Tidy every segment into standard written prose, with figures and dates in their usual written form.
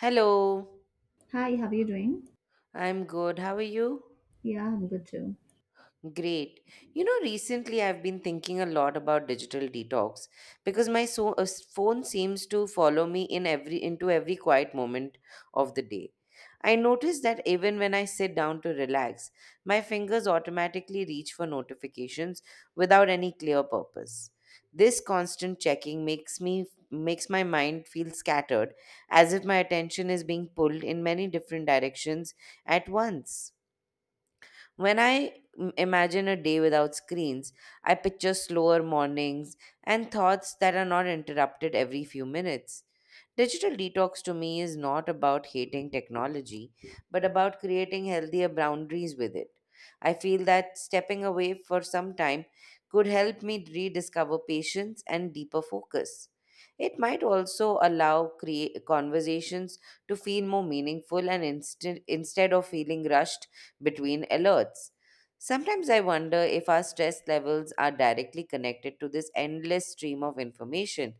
Hello, Hi, how are you doing? I'm good. How are you? Yeah, I'm good too. Great. Recently I've been thinking a lot about digital detox because my phone seems to follow me in every into every quiet moment of the day. I notice that even when I sit down to relax, my fingers automatically reach for notifications without any clear purpose. This constant checking makes my mind feel scattered as if my attention is being pulled in many different directions at once. When I imagine a day without screens, I picture slower mornings and thoughts that are not interrupted every few minutes. Digital detox to me is not about hating technology, but about creating healthier boundaries with it. I feel that stepping away for some time could help me rediscover patience and deeper focus. It might also allow conversations to feel more meaningful and instead of feeling rushed between alerts. Sometimes I wonder if our stress levels are directly connected to this endless stream of information.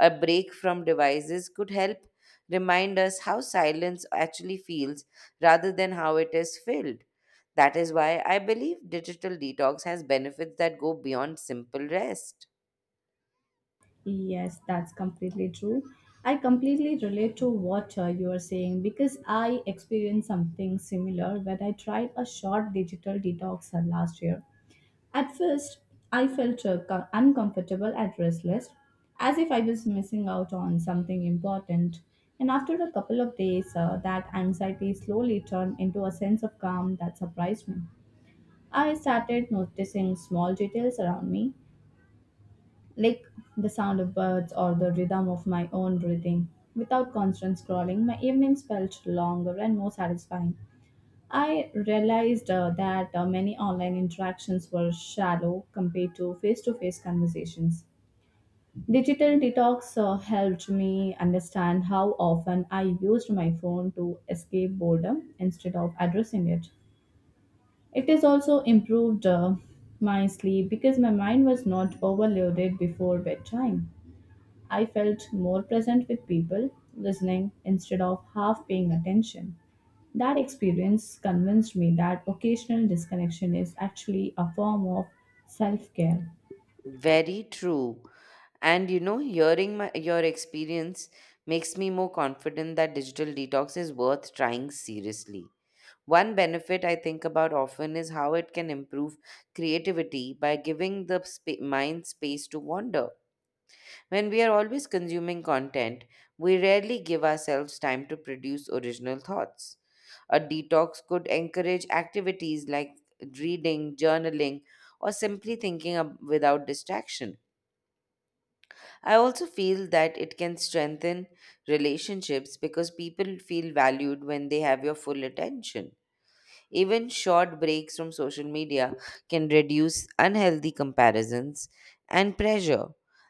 A break from devices could help remind us how silence actually feels rather than how it is filled. That is why I believe digital detox has benefits that go beyond simple rest. Yes, that's completely true. I completely relate to what you are saying because I experienced something similar when I tried a short digital detox last year. At first, I felt uncomfortable and restless, as if I was missing out on something important. And after a couple of days, that anxiety slowly turned into a sense of calm that surprised me. I started noticing small details around me like the sound of birds or the rhythm of my own breathing. Without constant scrolling, my evenings felt longer and more satisfying. I realized that many online interactions were shallow compared to face conversations. Digital detox helped me understand how often I used my phone to escape boredom instead of addressing it. It has also improved my sleep because my mind was not overloaded before bedtime. I felt more present with people, listening instead of half paying attention. That experience convinced me that occasional disconnection is actually a form of self care. Very true. And hearing your experience makes me more confident that digital detox is worth trying seriously. One benefit I think about often is how it can improve creativity by giving the mind space to wander. When we are always consuming content, we rarely give ourselves time to produce original thoughts. A detox could encourage activities like reading, journaling, or simply thinking without distraction. I also feel that it can strengthen relationships because people feel valued when they have your full attention. Even short breaks from social media can reduce unhealthy comparisons and pressure.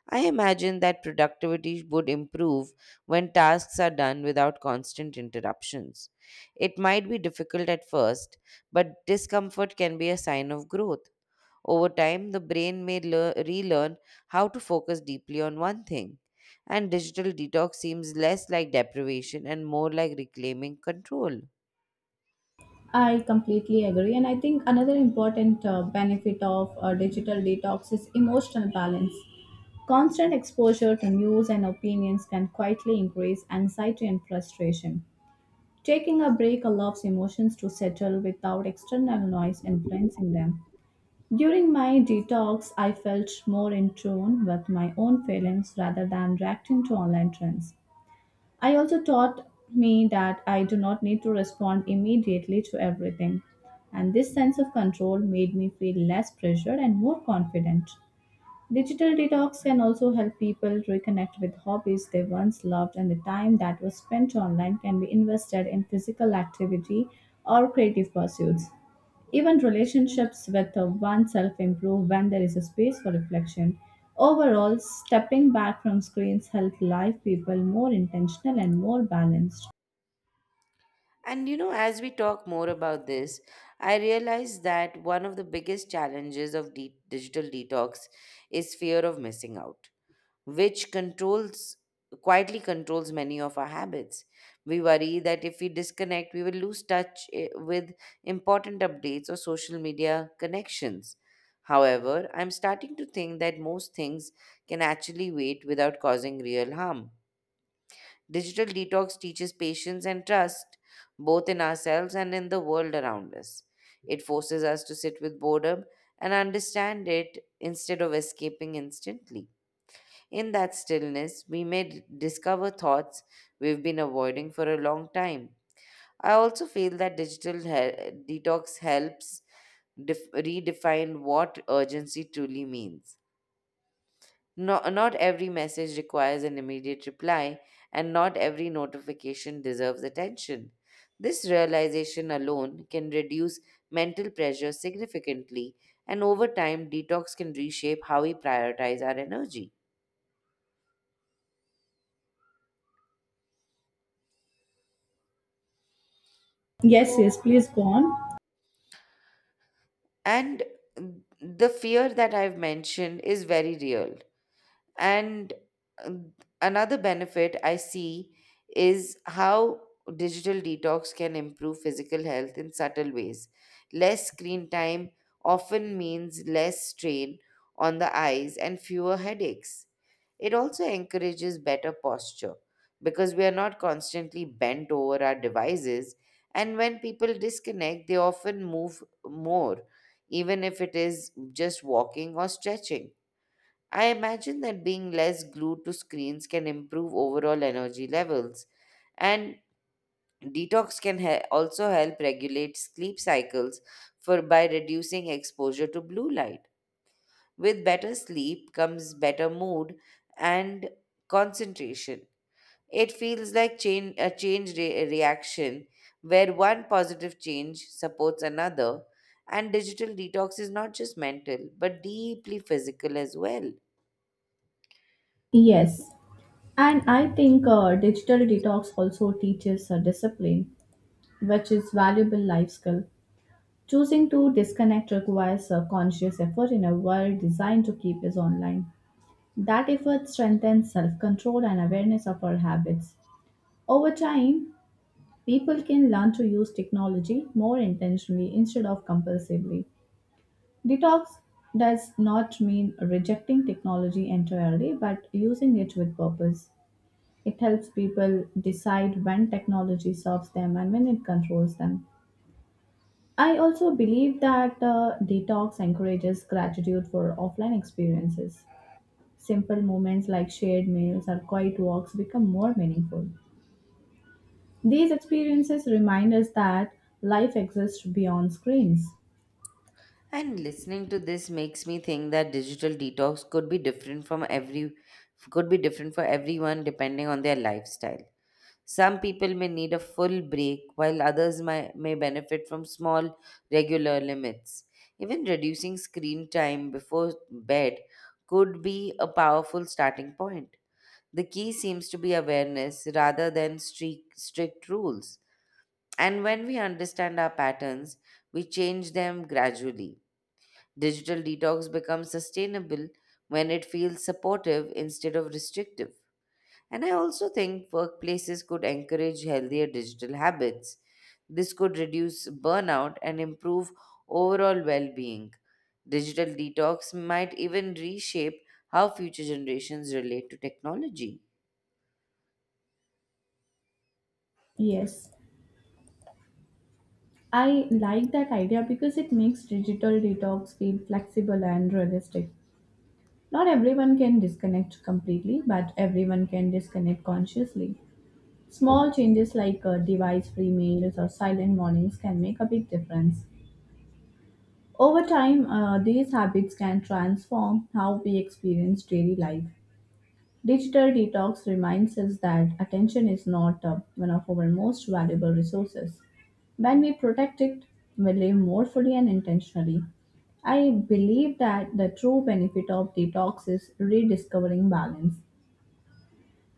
I imagine that productivity would improve when tasks are done without constant interruptions. It might be difficult at first, but discomfort can be a sign of growth. Over time, the brain may relearn how to focus deeply on one thing, and digital detox seems less like deprivation and more like reclaiming control. I completely agree, and I think another important benefit of digital detox is emotional balance. Constant exposure to news and opinions can quietly increase anxiety and frustration. Taking a break allows emotions to settle without external noise influencing them. During my detox, I felt more in tune with my own feelings rather than reacting to online trends. I also taught me that I do not need to respond immediately to everything, and this sense of control made me feel less pressured and more confident. Digital detox can also help people reconnect with hobbies they once loved, and the time that was spent online can be invested in physical activity or creative pursuits. Even relationships with oneself improve when there is a space for reflection. Overall, stepping back from screens helps life people more intentional and more balanced. And as we talk more about this, I realize that one of the biggest challenges of digital detox is fear of missing out, which controls quietly controls many of our habits. We worry that if we disconnect, we will lose touch with important updates or social media connections. However, I'm starting to think that most things can actually wait without causing real harm. Digital detox teaches patience and trust, both in ourselves and in the world around us. It forces us to sit with boredom and understand it instead of escaping instantly. In that stillness, we may discover thoughts we've been avoiding for a long time. I also feel that digital detox helps redefine what urgency truly means. Not every message requires an immediate reply, and not every notification deserves attention. This realization alone can reduce mental pressure significantly, and over time, detox can reshape how we prioritize our energy. Yes, yes, please go on. And the fear that I've mentioned is very real. And uh, another benefit I see is how digital detox can improve physical health in subtle ways. Less screen time often means less strain on the eyes and fewer headaches. It also encourages better posture because we are not constantly bent over our devices. And when people disconnect, they often move more, even if it is just walking or stretching. I imagine that being less glued to screens can improve overall energy levels, and detox can also help regulate sleep cycles for by reducing exposure to blue light. With better sleep comes better mood and concentration. It feels like chain, a change re- reaction where one positive change supports another, and digital detox is not just mental but deeply physical as well. Yes. And I think digital detox also teaches discipline, which is valuable life skill. Choosing to disconnect requires a conscious effort in a world designed to keep us online. That effort strengthens self control and awareness of our habits. Over time, people can learn to use technology more intentionally instead of compulsively. Detox does not mean rejecting technology entirely, but using it with purpose. It helps people decide when technology serves them and when it controls them. I also believe that detox encourages gratitude for offline experiences. Simple moments like shared meals or quiet walks become more meaningful. These experiences remind us that life exists beyond screens. And listening to this makes me think that digital detox could be different for everyone depending on their lifestyle. Some people may need a full break while others may benefit from small regular limits. Even reducing screen time before bed could be a powerful starting point. The key seems to be awareness rather than strict rules. And when we understand our patterns, we change them gradually. Digital detox becomes sustainable when it feels supportive instead of restrictive. And I also think workplaces could encourage healthier digital habits. This could reduce burnout and improve overall well being. Digital detox might even reshape how future generations relate to technology. Yes, I like that idea because it makes digital detox feel flexible and realistic. Not everyone can disconnect completely, but everyone can disconnect consciously. Small changes like device free meals or silent mornings can make a big difference. Over time, these habits can transform how we experience daily life. Digital detox reminds us that attention is not one of our most valuable resources. When we protect it, we live more fully and intentionally. I believe that the true benefit of detox is rediscovering balance.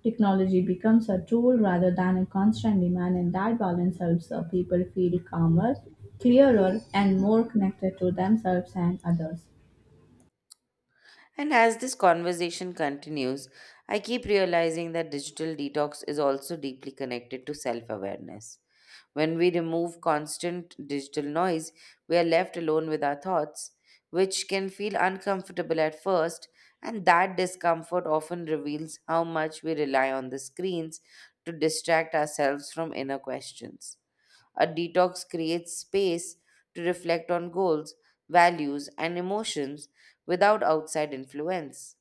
Technology becomes a tool rather than a constant demand, and that balance helps people feel calmer, clearer, and more connected to themselves and others. And as this conversation continues, I keep realizing that digital detox is also deeply connected to self awareness. When we remove constant digital noise, we are left alone with our thoughts, which can feel uncomfortable at first, and that discomfort often reveals how much we rely on the screens to distract ourselves from inner questions. A detox creates space to reflect on goals, values, and emotions without outside influence.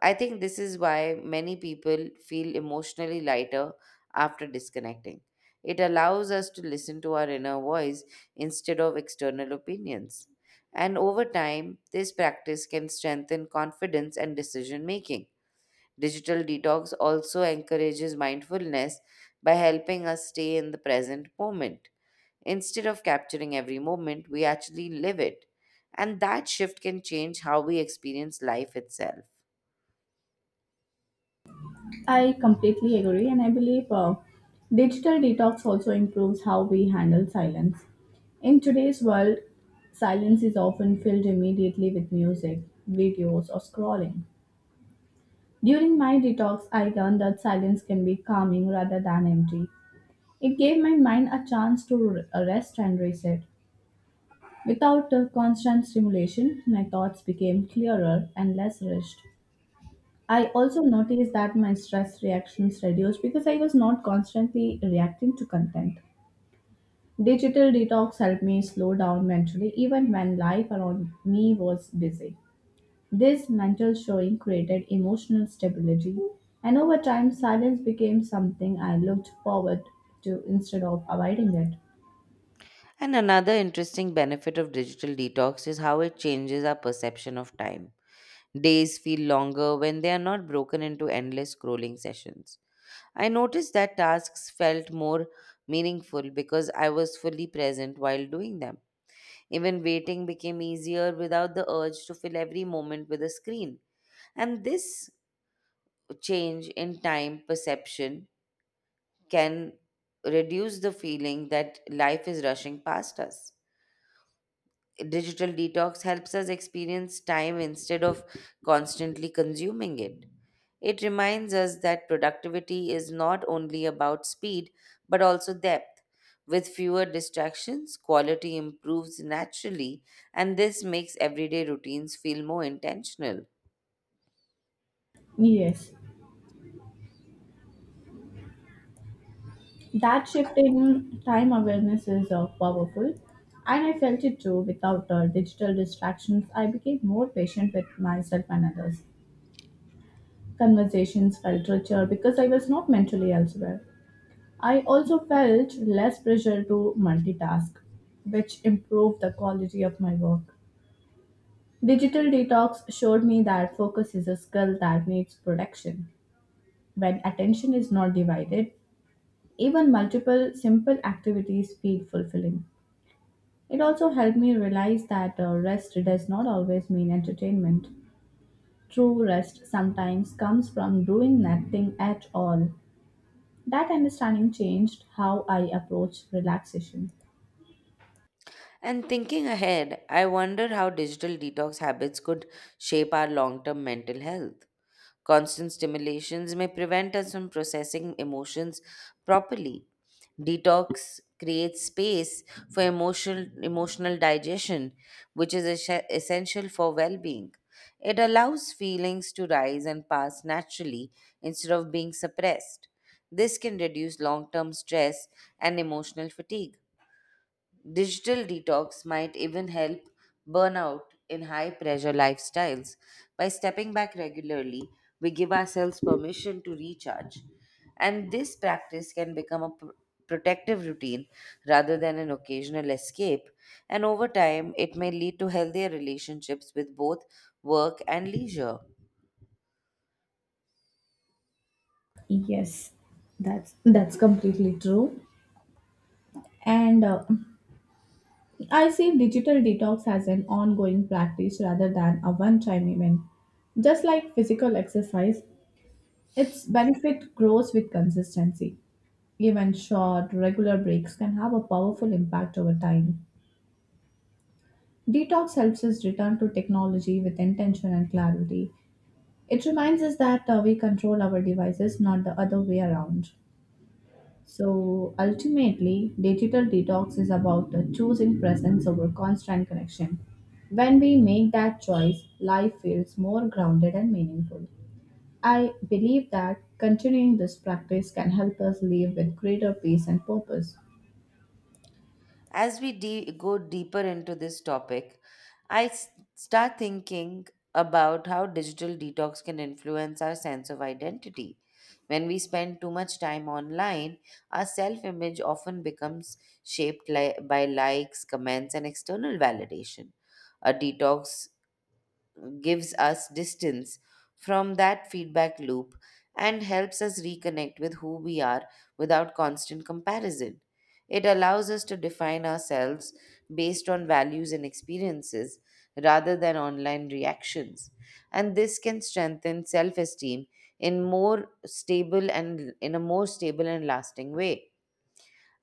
I think this is why many people feel emotionally lighter after disconnecting. It allows us to listen to our inner voice instead of external opinions. And over time, this practice can strengthen confidence and decision making. Digital detox also encourages mindfulness by helping us stay in the present moment. Instead of capturing every moment, we actually live it. And that shift can change how we experience life itself. I completely agree, and I believe digital detox also improves how we handle silence. In today's world, silence is often filled immediately with music, videos, or scrolling. During my detox, I learned that silence can be calming rather than empty. It gave my mind a chance to rest and reset. Without a constant stimulation, my thoughts became clearer and less rushed. I also noticed that my stress reactions reduced because I was not constantly reacting to content. Digital detox helped me slow down mentally even when life around me was busy. This mental showing created emotional stability, and over time, silence became something I looked forward to instead of avoiding it. And another interesting benefit of digital detox is how it changes our perception of time. Days feel longer when they are not broken into endless scrolling sessions. I noticed that tasks felt more meaningful because I was fully present while doing them. Even waiting became easier without the urge to fill every moment with a screen. And this change in time perception can reduce the feeling that life is rushing past us. Digital detox helps us experience time instead of constantly consuming it. It reminds us that productivity is not only about speed but also depth. With fewer distractions, quality improves naturally, and this makes everyday routines feel more intentional. Yes, that shift in time awareness is powerful, and I felt it too. Without digital distractions, I became more patient with myself and others. Conversations felt richer because I was not mentally elsewhere. I also felt less pressure to multitask, which improved the quality of my work. Digital detox showed me that focus is a skill that needs protection. When attention is not divided, even multiple simple activities feel fulfilling. It also helped me realize that rest does not always mean entertainment. True rest sometimes comes from doing nothing at all. That understanding changed how I approach relaxation. And thinking ahead, I wonder how digital detox habits could shape our long term mental health. Constant stimulations may prevent us from processing emotions properly. Detox creates space for emotional digestion, which is essential for well-being. It allows feelings to rise and pass naturally instead of being suppressed. This can reduce long-term stress and emotional fatigue. Digital detox might even help burnout in high pressure lifestyles. By stepping back regularly, we give ourselves permission to recharge. And this practice can become a protective routine rather than an occasional escape. And over time, it may lead to healthier relationships with both work and leisure. Yes, that's completely true. And I see digital detox as an ongoing practice rather than a one-time event. Just like physical exercise, its benefit grows with consistency. Even short, regular breaks can have a powerful impact over time. Detox helps us return to technology with intention and clarity. It reminds us that we control our devices, not the other way around. So ultimately, digital detox is about choosing presence over constant connection. When we make that choice, life feels more grounded and meaningful. I believe that continuing this practice can help us live with greater peace and purpose. As we go deeper into this topic, I start thinking about how digital detox can influence our sense of identity. When we spend too much time online, our self image often becomes shaped by likes, comments, and external validation. A detox gives us distance from that feedback loop and helps us reconnect with who we are without constant comparison. It allows us to define ourselves based on values and experiences rather than online reactions. And this can strengthen self esteem in a more stable and lasting way.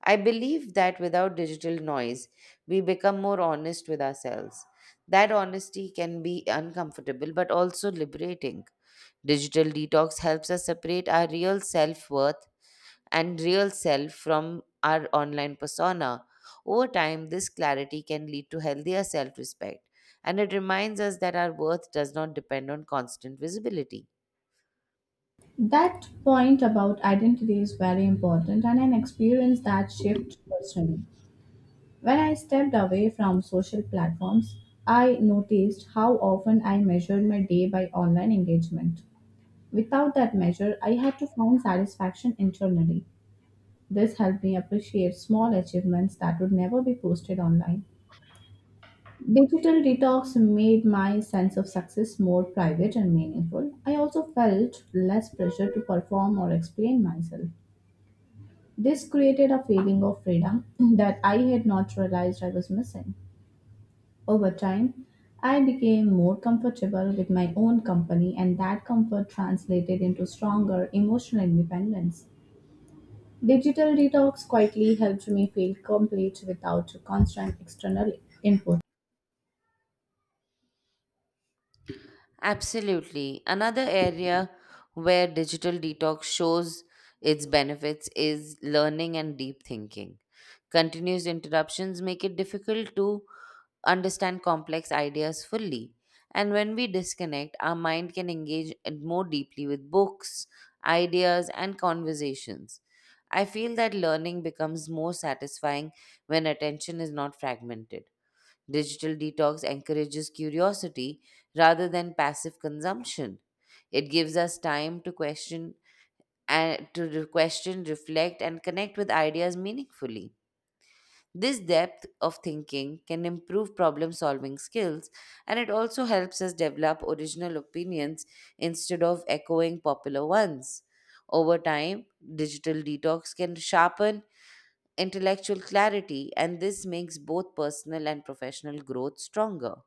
I believe that without digital noise, we become more honest with ourselves. That honesty can be uncomfortable but also liberating. Digital detox helps us separate our real self worth and real self from our online persona. Over time, this clarity can lead to healthier self respect, and it reminds us that our worth does not depend on constant visibility. That point about identity is very important, and I experienced that shift personally. When I stepped away from social platforms, I noticed how often I measured my day by online engagement. Without that measure, I had to find satisfaction internally. This helped me appreciate small achievements that would never be posted online. Digital detox made my sense of success more private and meaningful. I also felt less pressure to perform or explain myself. This created a feeling of freedom that I had not realized I was missing. Over time, I became more comfortable with my own company, and that comfort translated into stronger emotional independence. Digital detox quietly helped me feel complete without constant external input. Absolutely. Another area where digital detox shows its benefits is learning and deep thinking. Continuous interruptions make it difficult to understand complex ideas fully. And when we disconnect, our mind can engage it more deeply with books, ideas, and conversations. I feel that learning becomes more satisfying when attention is not fragmented. Digital detox encourages curiosity rather than passive consumption. It gives us time to question and to question, reflect, and connect with ideas meaningfully. This depth of thinking can improve problem solving skills, and it also helps us develop original opinions instead of echoing popular ones. Over time, digital detox can sharpen intellectual clarity, and this makes both personal and professional growth stronger.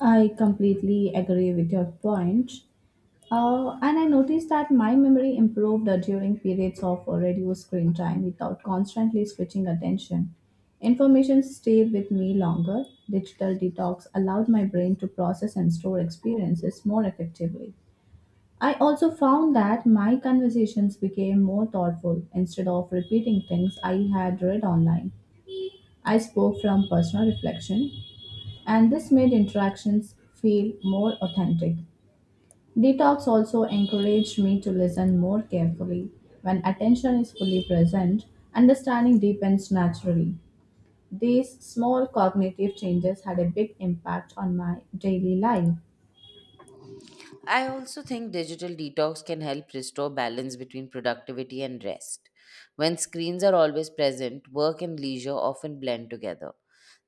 I completely agree with your point. And I noticed that my memory improved during periods of reduced screen time without constantly switching attention. Information stayed with me longer. Digital detox allowed my brain to process and store experiences more effectively. I also found that my conversations became more thoughtful instead of repeating things I had read online. I spoke from personal reflection, and this made interactions feel more authentic. Detox also encouraged me to listen more carefully. When attention is fully present, understanding deepens naturally. These small cognitive changes had a big impact on my daily life. I also think digital detox can help restore balance between productivity and rest. When screens are always present, work and leisure often blend together.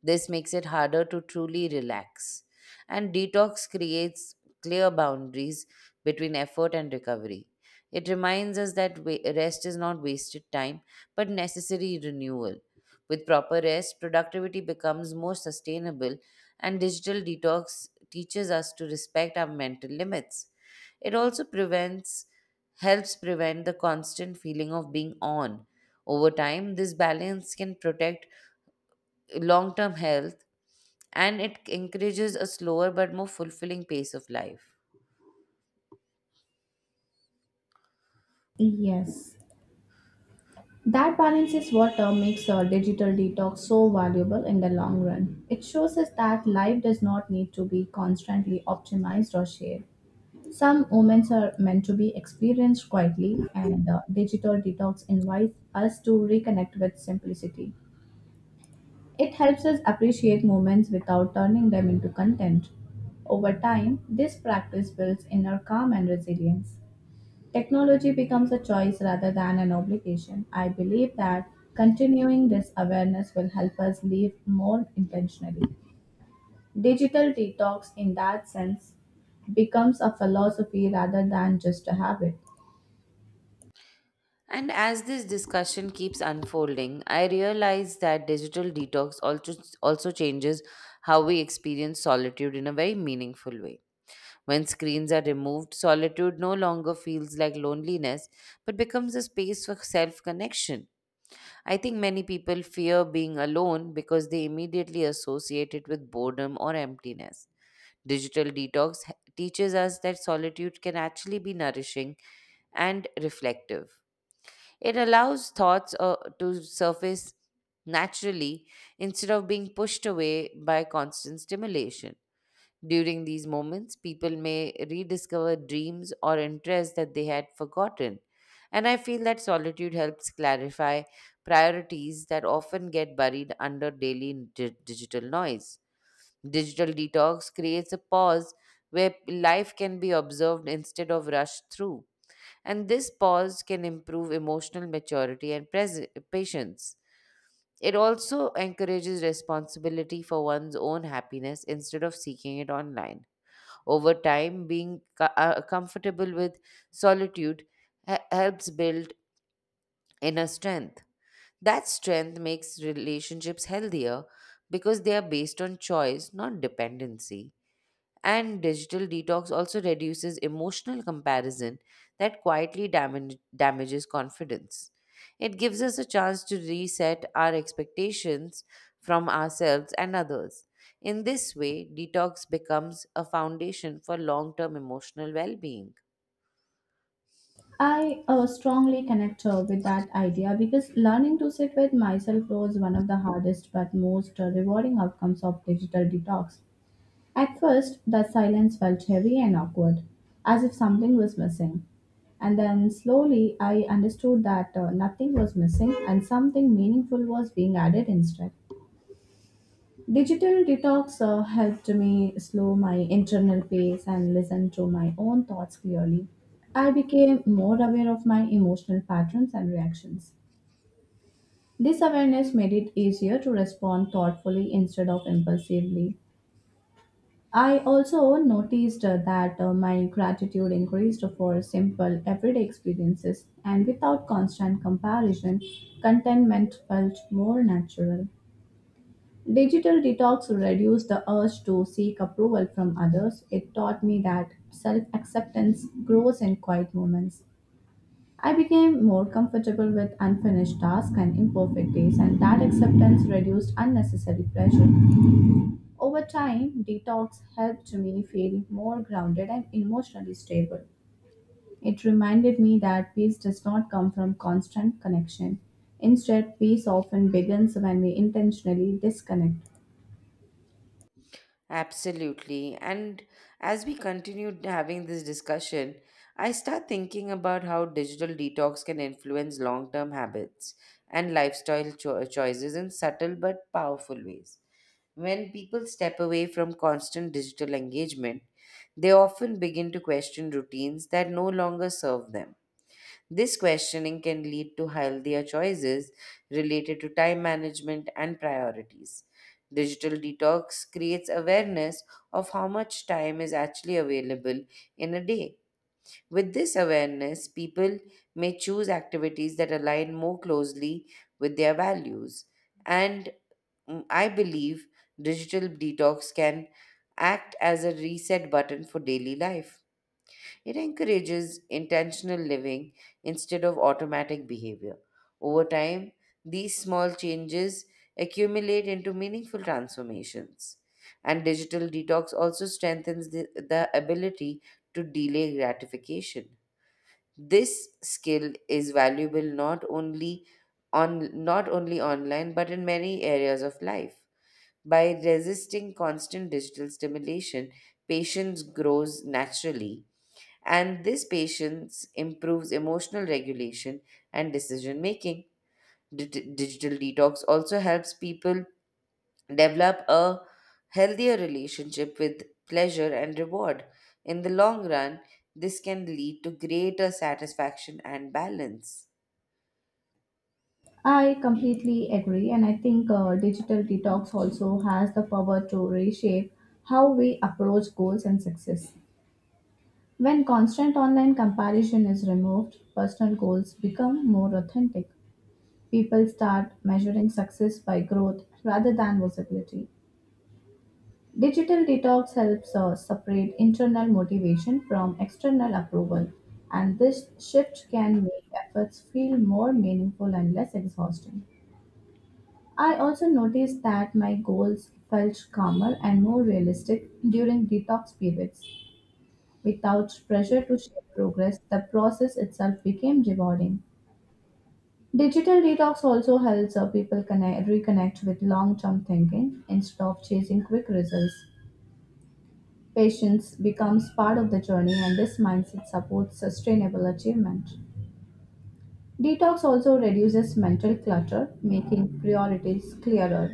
This makes it harder to truly relax. And detox creates clear boundaries between effort and recovery. It reminds us that rest is not wasted time, but necessary renewal. With proper rest, productivity becomes more sustainable, and digital detox teaches us to respect our mental limits. It also prevents helps prevent the constant feeling of being on. Over time, this balance can protect long term health, and it encourages a slower but more fulfilling pace of life. Yes. That balance is what makes a digital detox so valuable in the long run. It shows us that life does not need to be constantly optimized or shared. Some moments are meant to be experienced quietly, and digital detox invites us to reconnect with simplicity. It helps us appreciate moments without turning them into content. Over time, this practice builds inner calm and resilience. Technology becomes a choice rather than an obligation. I believe that continuing this awareness will help us live more intentionally. Digital detox, in that sense, becomes a philosophy rather than just a habit. And as this discussion keeps unfolding, I realize that digital detox also changes how we experience solitude in a very meaningful way. When screens are removed, solitude no longer feels like loneliness but becomes a space for self connection. I think many people fear being alone because they immediately associate it with boredom or emptiness. Digital detox teaches us that solitude can actually be nourishing and reflective. It allows thoughts to surface naturally instead of being pushed away by constant stimulation. During these moments, people may rediscover dreams or interests that they had forgotten. And I feel that solitude helps clarify priorities that often get buried under daily digital noise. Digital detox creates a pause where life can be observed instead of rushed through. And this pause can improve emotional maturity and patience. It also encourages responsibility for one's own happiness instead of seeking it online. Over time, being comfortable with solitude helps build inner strength. That strength makes relationships healthier because they are based on choice, not dependency. And digital detox also reduces emotional comparison that quietly damages confidence. It gives us a chance to reset our expectations from ourselves and others. In this way, detox becomes a foundation for long term emotional well being. I strongly connect with that idea because learning to sit with myself was one of the hardest but most rewarding outcomes of digital detox. At first, the silence felt heavy and awkward, as if something was missing. And then slowly, I understood that nothing was missing and something meaningful was being added instead. Digital detox helped me slow my internal pace and listen to my own thoughts clearly. I became more aware of my emotional patterns and reactions. This awareness made it easier to respond thoughtfully instead of impulsively. I also noticed that my gratitude increased for simple everyday experiences, and without constant comparison, contentment felt more natural. Digital detox reduced the urge to seek approval from others. It taught me that self acceptance grows in quiet moments. I became more comfortable with unfinished tasks and imperfect days, and that acceptance reduced unnecessary pressure. Over time, detox helped me feel more grounded and emotionally stable. It reminded me that peace does not come from constant connection. Instead, peace often begins when we intentionally disconnect. Absolutely. And as we continue having this discussion, I start thinking about how digital detox can influence long term habits and lifestyle choices in subtle but powerful ways. When people step away from constant digital engagement, they often begin to question routines that no longer serve them. This questioning can lead to healthier choices related to time management and priorities. Digital detox creates awareness of how much time is actually available in a day. With this awareness, people may choose activities that align more closely with their values. And I believe digital detox can act as a reset button for daily life. It encourages intentional living instead of automatic behavior. Over time, these small changes accumulate into meaningful transformations. And digital detox also strengthens the ability to delay gratification. This skill is valuable not only online but in many areas of life. By resisting constant digital stimulation, patience grows naturally, and this patience improves emotional regulation and decision making. Digital detox also helps people develop a healthier relationship with pleasure and reward. In the long run, this can lead to greater satisfaction and balance. I completely agree, and I think digital detox also has the power to reshape how we approach goals and success. When constant online comparison is removed, personal goals become more authentic. People start measuring success by growth rather than visibility. Digital detox helps separate internal motivation from external approval, and this shift can make efforts feel more meaningful and less exhausting. I also noticed that my goals felt calmer and more realistic during detox periods. Without pressure to share progress, the process itself became rewarding. Digital detox also helps people reconnect with long term thinking instead of chasing quick results. Patience becomes part of the journey, and this mindset supports sustainable achievement. Detox also reduces mental clutter, making priorities clearer.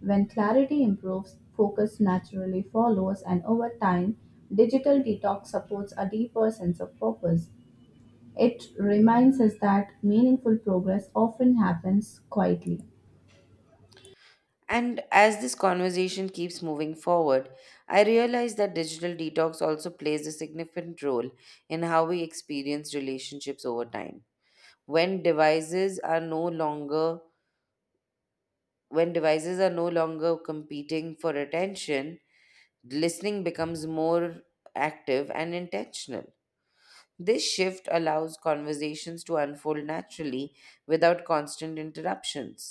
When clarity improves, focus naturally follows, and over time, digital detox supports a deeper sense of purpose. It reminds us that meaningful progress often happens quietly. And as this conversation keeps moving forward, I realize that digital detox also plays a significant role in how we experience relationships over time. when devices are no longer when devices are no longer competing for attention, listening becomes more active and intentional. This shift allows conversations to unfold naturally without constant interruptions.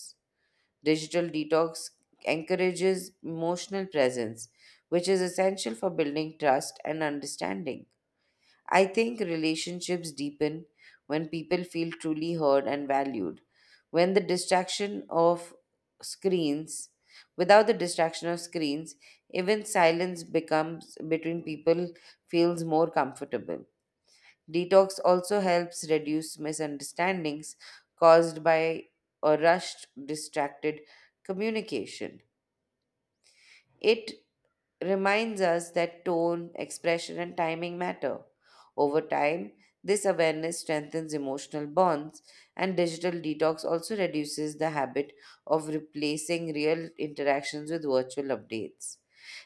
Digital detox encourages emotional presence, which is essential for building trust and understanding. I think relationships deepen when people feel truly heard and valued. When the distraction of screens, Without the distraction of screens, even silence becomes between people feels more comfortable. Detox also helps reduce misunderstandings caused by a rushed, distracted communication. It reminds us that tone, expression, and timing matter. Over time, this awareness strengthens emotional bonds, and digital detox also reduces the habit of replacing real interactions with virtual updates.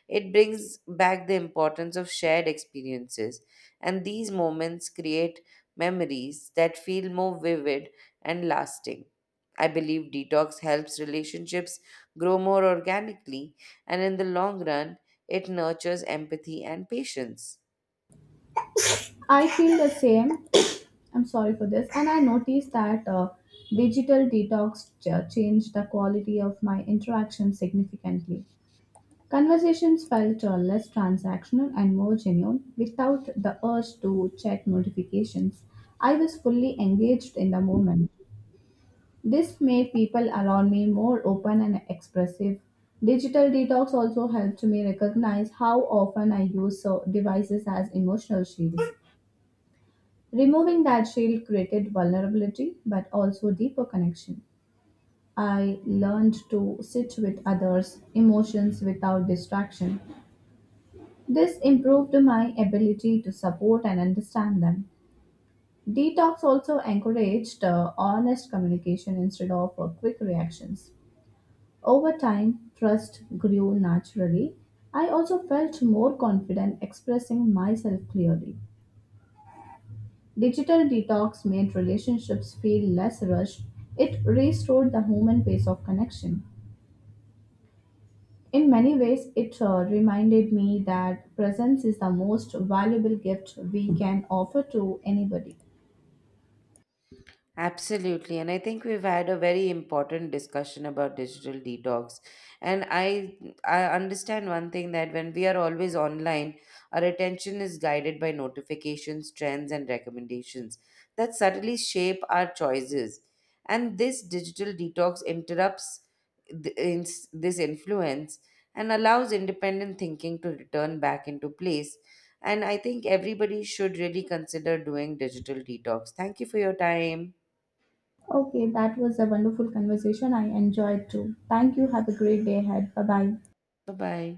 It brings back the importance of shared experiences, and these moments create memories that feel more vivid and lasting. I believe detox helps relationships grow more organically, and in the long run, it nurtures empathy and patience. I feel the same. I'm sorry for this. And I noticed that digital detox changed the quality of my interaction significantly. Conversations felt less transactional and more genuine without the urge to check notifications. I was fully engaged in the moment. This made people around me more open and expressive. Digital detox also helped me recognize how often I use devices as emotional shields. Removing that shield created vulnerability but also deeper connection. I learned to sit with others' emotions without distraction. This improved my ability to support and understand them. Detox also encouraged honest communication instead of quick reactions. Over time, trust grew naturally. I also felt more confident expressing myself clearly. Digital detox made relationships feel less rushed. It restored the human pace of connection. In many ways, it reminded me that presence is the most valuable gift we can offer to anybody. Absolutely. And I think we've had a very important discussion about digital detox. And I understand one thing that when we are always online, our attention is guided by notifications, trends, and recommendations that subtly shape our choices. And this digital detox interrupts this influence and allows independent thinking to return back into place. And I think everybody should really consider doing digital detox. Thank you for your time. Okay, that was a wonderful conversation. I enjoyed too. Thank you. Have a great day ahead. Bye bye. 拜拜。